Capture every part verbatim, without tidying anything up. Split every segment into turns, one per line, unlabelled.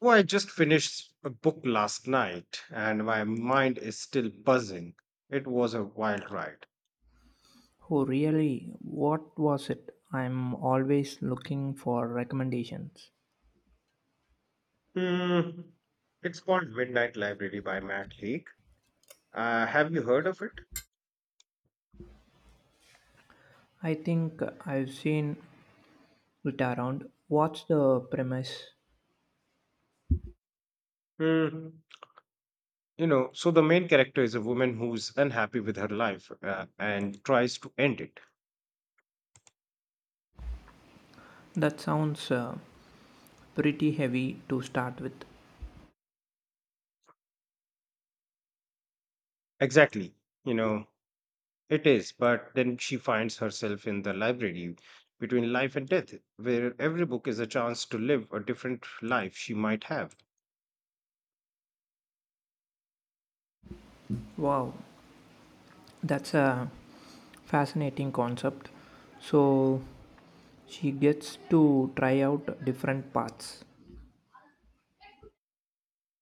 Oh, I just finished a book last night and my mind is still buzzing. It was a wild ride.
Oh, really? What was it? I'm always looking for recommendations.
Hmm. It's called Midnight Library by Matt Haig. Uh, have you heard of it?
I think I've seen it around. What's the premise?
Hmm. You know, so the main character is a woman who's unhappy with her life uh, and tries to end it.
That sounds uh, pretty heavy to start with.
Exactly. You know, it is, but then she finds herself in the library between life and death, where every book is a chance to live a different life she might have.
Wow, that's a fascinating concept. So she gets to try out different paths.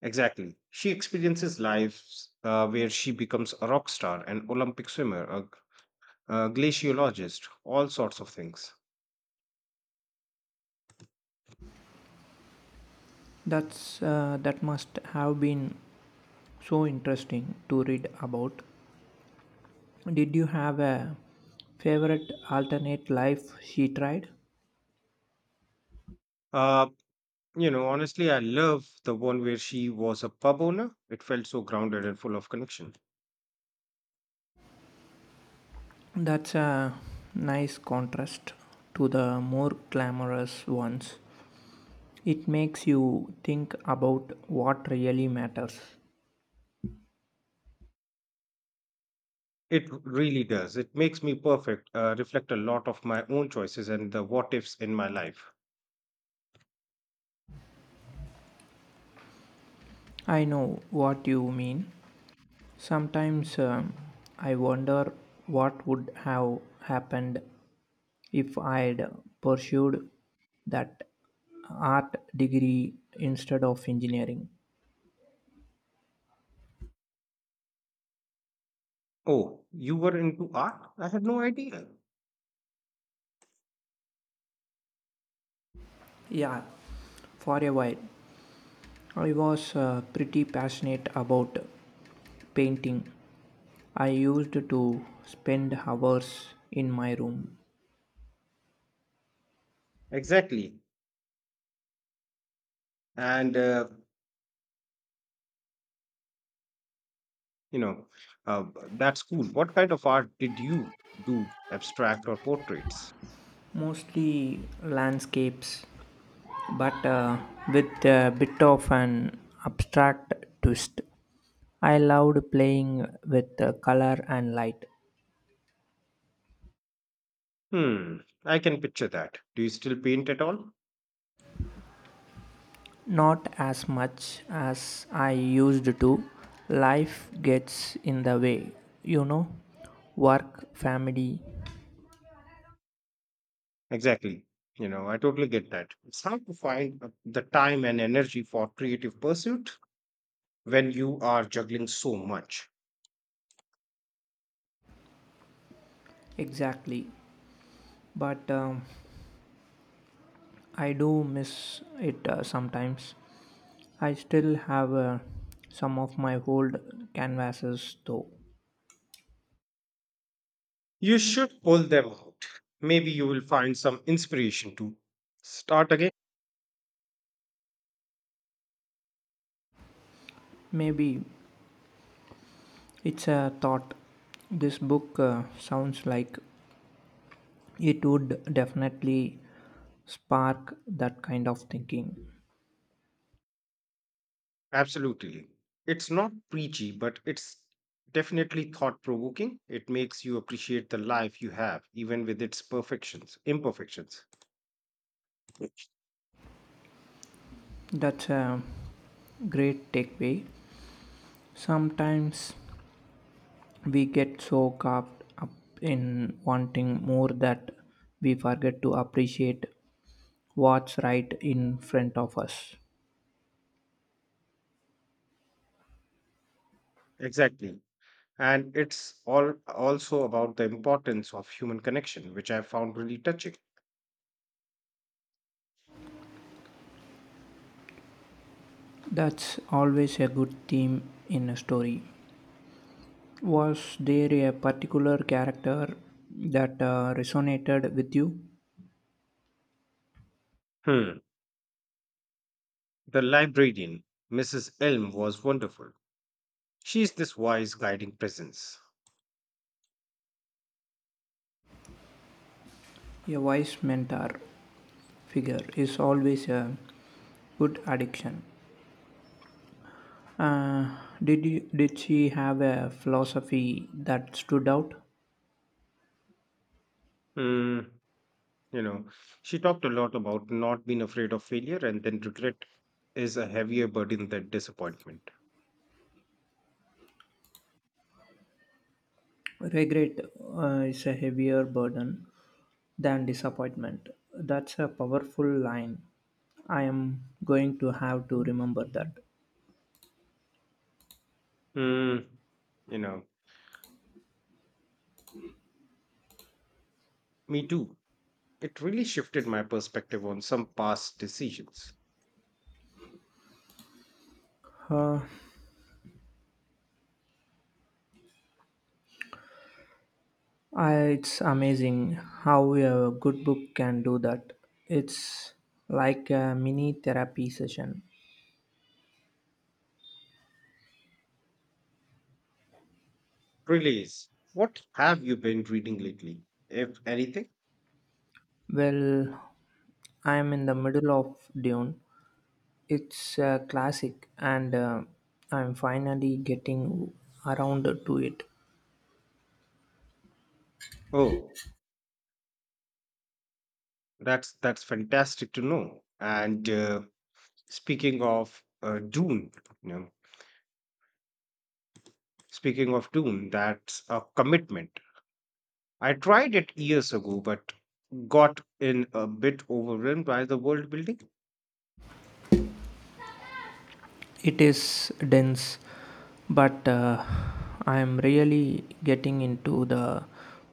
Exactly. She experiences lives uh, where she becomes a rock star, an Olympic swimmer, a, g- a glaciologist, all sorts of things.
That's uh, that must have been so interesting to read about. Did you have a favorite alternate life she tried?
Uh, you know, honestly, I love the one where she was a pub owner. It felt so grounded and full of connection.
That's a nice contrast to the more glamorous ones. It makes you think about what really matters.
It really does. It makes me perfect, uh, reflect a lot of my own choices and the what ifs in my life.
I know what you mean. Sometimes um, I wonder what would have happened if I'd pursued that art degree instead of engineering.
Oh, you were into art? I had no idea.
Yeah, for a while. I was uh, pretty passionate about painting. I used to spend hours in my room,
Exactly. And uh, you know uh, that's cool. What kind of art did you do? Abstract or portraits?
mostly landscapes, but uh, with a bit of an abstract twist. I loved playing with uh, color and light.
Hmm, I can picture that. Do you still paint at all?
Not as much as I used to. Life gets in the way, you know, work, family.
Exactly, you know, I totally get that. It's hard to find uh, the time and energy for creative pursuit when you are juggling so much.
Exactly. But um, I do miss it uh, sometimes. I still have uh, some of my old canvases though.
You should pull them out. Maybe you will find some inspiration to start again.
Maybe it's a thought. This book uh, sounds like it would definitely spark that kind of thinking.
Absolutely. It's not preachy, but it's definitely thought provoking. It makes you appreciate the life you have, even with its perfections, imperfections.
That's a great takeaway. Sometimes we get so caught up in wanting more that we forget to appreciate what's right in front of us.
Exactly. And it's all also about the importance of human connection, which I found really touching.
That's always a good theme in a story. Was there a particular character that uh, resonated with you?
Hmm. The librarian, Missus Elm, was wonderful. She's this wise, guiding presence.
A wise mentor figure is always a good addiction. Uh, did you, did she have a philosophy that stood out?
Hmm. You know, she talked a lot about not being afraid of failure and then regret is a heavier burden than disappointment.
Regret uh, is a heavier burden than disappointment. That's a powerful line. I am going to have to remember that.
Mm, you know, me too. It really shifted my perspective on some past decisions.
Uh, Uh, It's amazing how a good book can do that. It's like a mini therapy session.
Really is. What have you been reading lately, if anything?
Well, I'm in the middle of Dune. It's a classic, and uh, I'm finally getting around to it.
Oh, That's that's fantastic to know. And uh, speaking of uh, Dune, you know, speaking of Dune, that's a commitment. I tried it years ago, but got in a bit overwhelmed by the world building.
It is dense, but uh, I'm really getting into the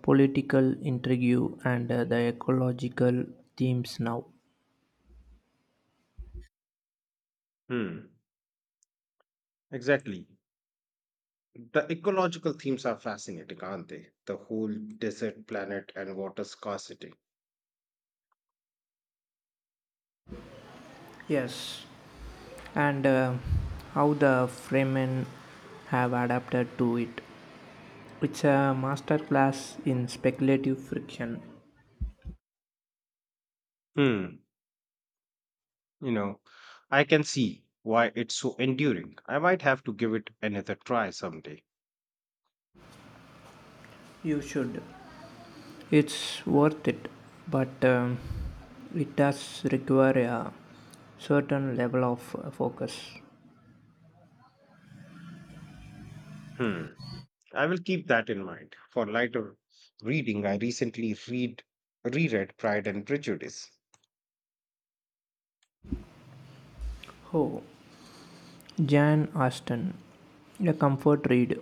political intrigue and uh, the ecological themes now.
Hmm. Exactly. The ecological themes are fascinating, aren't they? The whole desert planet and water scarcity.
Yes, and uh, how the Fremen have adapted to it. It's a masterclass in speculative fiction.
Hmm. You know, I can see why it's so enduring. I might have to give it another try someday.
You should. It's worth it, but um, it does require a certain level of uh, focus.
Hmm. I will keep that in mind. For lighter reading, I recently read reread Pride and Prejudice.
Oh, Jane Austen, a comfort read.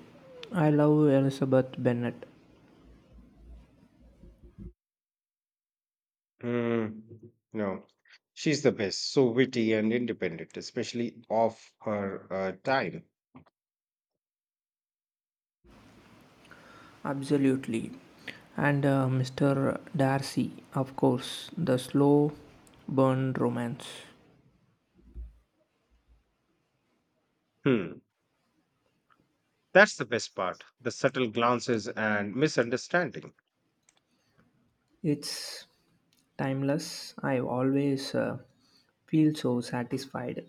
I love Elizabeth Bennet.
Hmm. No. She's the best, so witty and independent, especially of her uh, time.
Absolutely. And uh, Mister Darcy, of course, the slow burn romance.
Hmm. That's the best part, the subtle glances and misunderstandings.
It's timeless. I always uh, feel so satisfied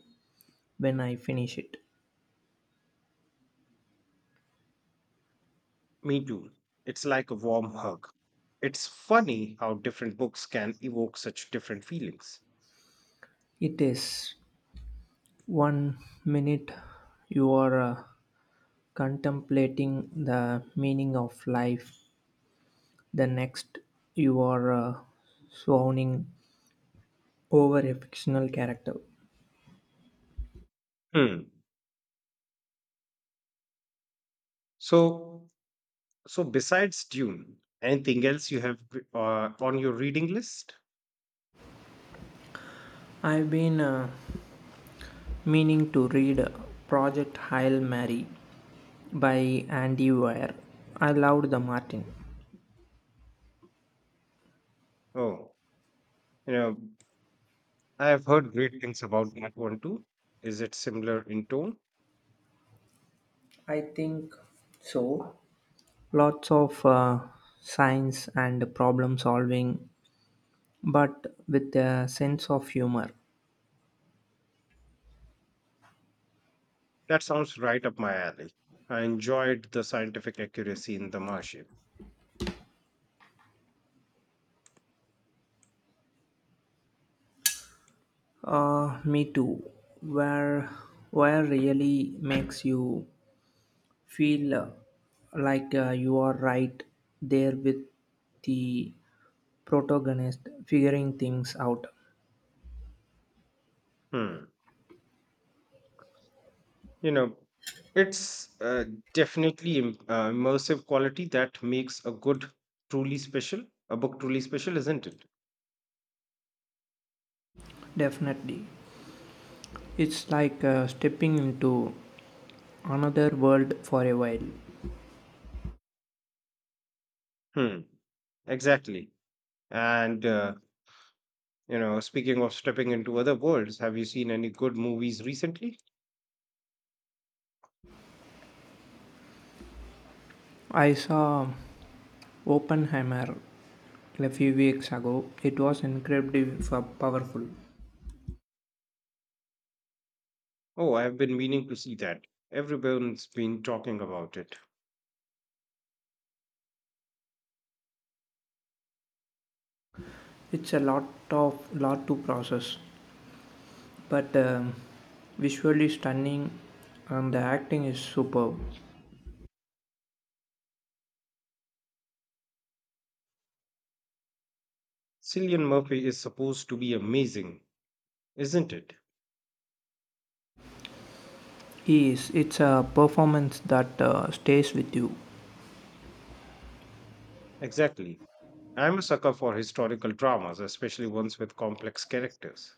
when I finish it.
Me too. It's like a warm hug. It's funny how different books can evoke such different feelings.
It is one minute you are uh, contemplating the meaning of life, the next you are uh, swooning over a fictional character.
Hmm. So, so besides Dune, anything else you have uh, on your reading list?
I've been uh, meaning to read Project Hail Mary by Andy Weir. I loved the Martin.
Oh, you know, I have heard great things about that one too. Is it similar in tone?
I think so. Lots of uh, science and problem solving, but with a sense of humor.
That sounds right up my alley. I enjoyed the scientific accuracy in The Martian.
Uh, me too. Where where really makes you feel uh, like uh, you are right there with the protagonist figuring things out.
Hmm, you know, it's uh, definitely im- uh, immersive quality that makes a good truly special a book truly special, isn't it?
Definitely. It's like uh, stepping into another world for a while.
Hmm. Exactly. And uh, you know speaking of stepping into other worlds, have you seen any good movies recently?
I saw Oppenheimer a few weeks ago. It was incredibly f- powerful.
Oh, I have been meaning to see that. Everyone's been talking about it.
It's a lot of lot to process, but um, visually stunning, and the acting is superb.
Cillian Murphy is supposed to be amazing, isn't it?
He is. It's a performance that uh, stays with you.
Exactly. I'm a sucker for historical dramas, especially ones with complex characters.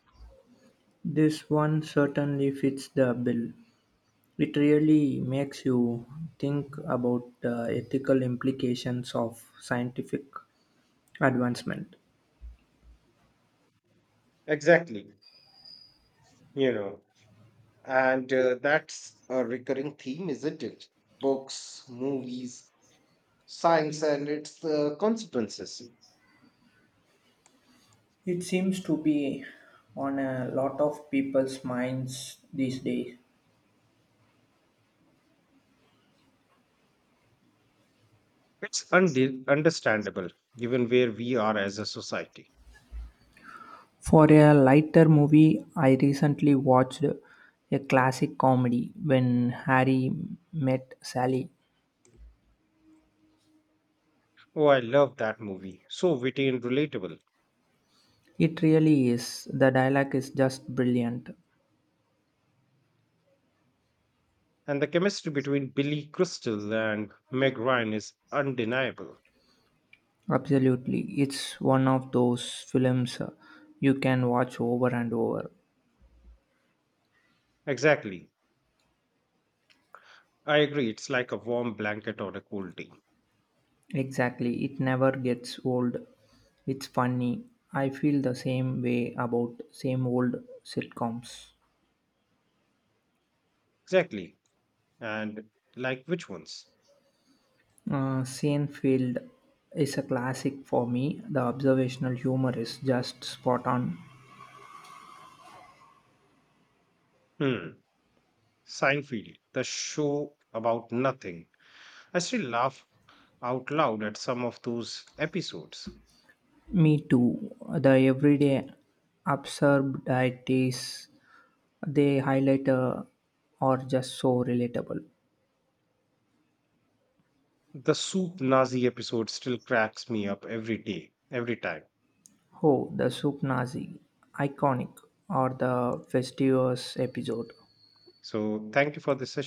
This one certainly fits the bill. It really makes you think about the ethical implications of scientific advancement.
Exactly, you know, and uh, that's a recurring theme, isn't it? Books, movies, science, and its uh, consequences.
It seems to be on a lot of people's minds these days.
It's unde understandable given where we are as a society.
For a lighter movie, I recently watched a classic comedy when Harry met Sally.
Oh, I love that movie. So witty and relatable.
It really is. The dialogue is just brilliant.
And the chemistry between Billy Crystal and Meg Ryan is undeniable.
Absolutely. It's one of those films uh, you can watch over and over.
Exactly. I agree. It's like a warm blanket on a cold day.
Exactly, it never gets old. It's funny. I feel the same way about same old sitcoms.
Exactly. And like which ones?
Uh, Seinfeld is a classic for me. The observational humor is just spot on.
Hmm. Seinfeld, the show about nothing. I still laugh out loud at some of those episodes.
Me too. The everyday absurdities they highlight uh, are just so relatable.
The soup Nazi episode still cracks me up every day, every time.
Oh, the soup Nazi, iconic, or the Festivus episode.
So thank you for this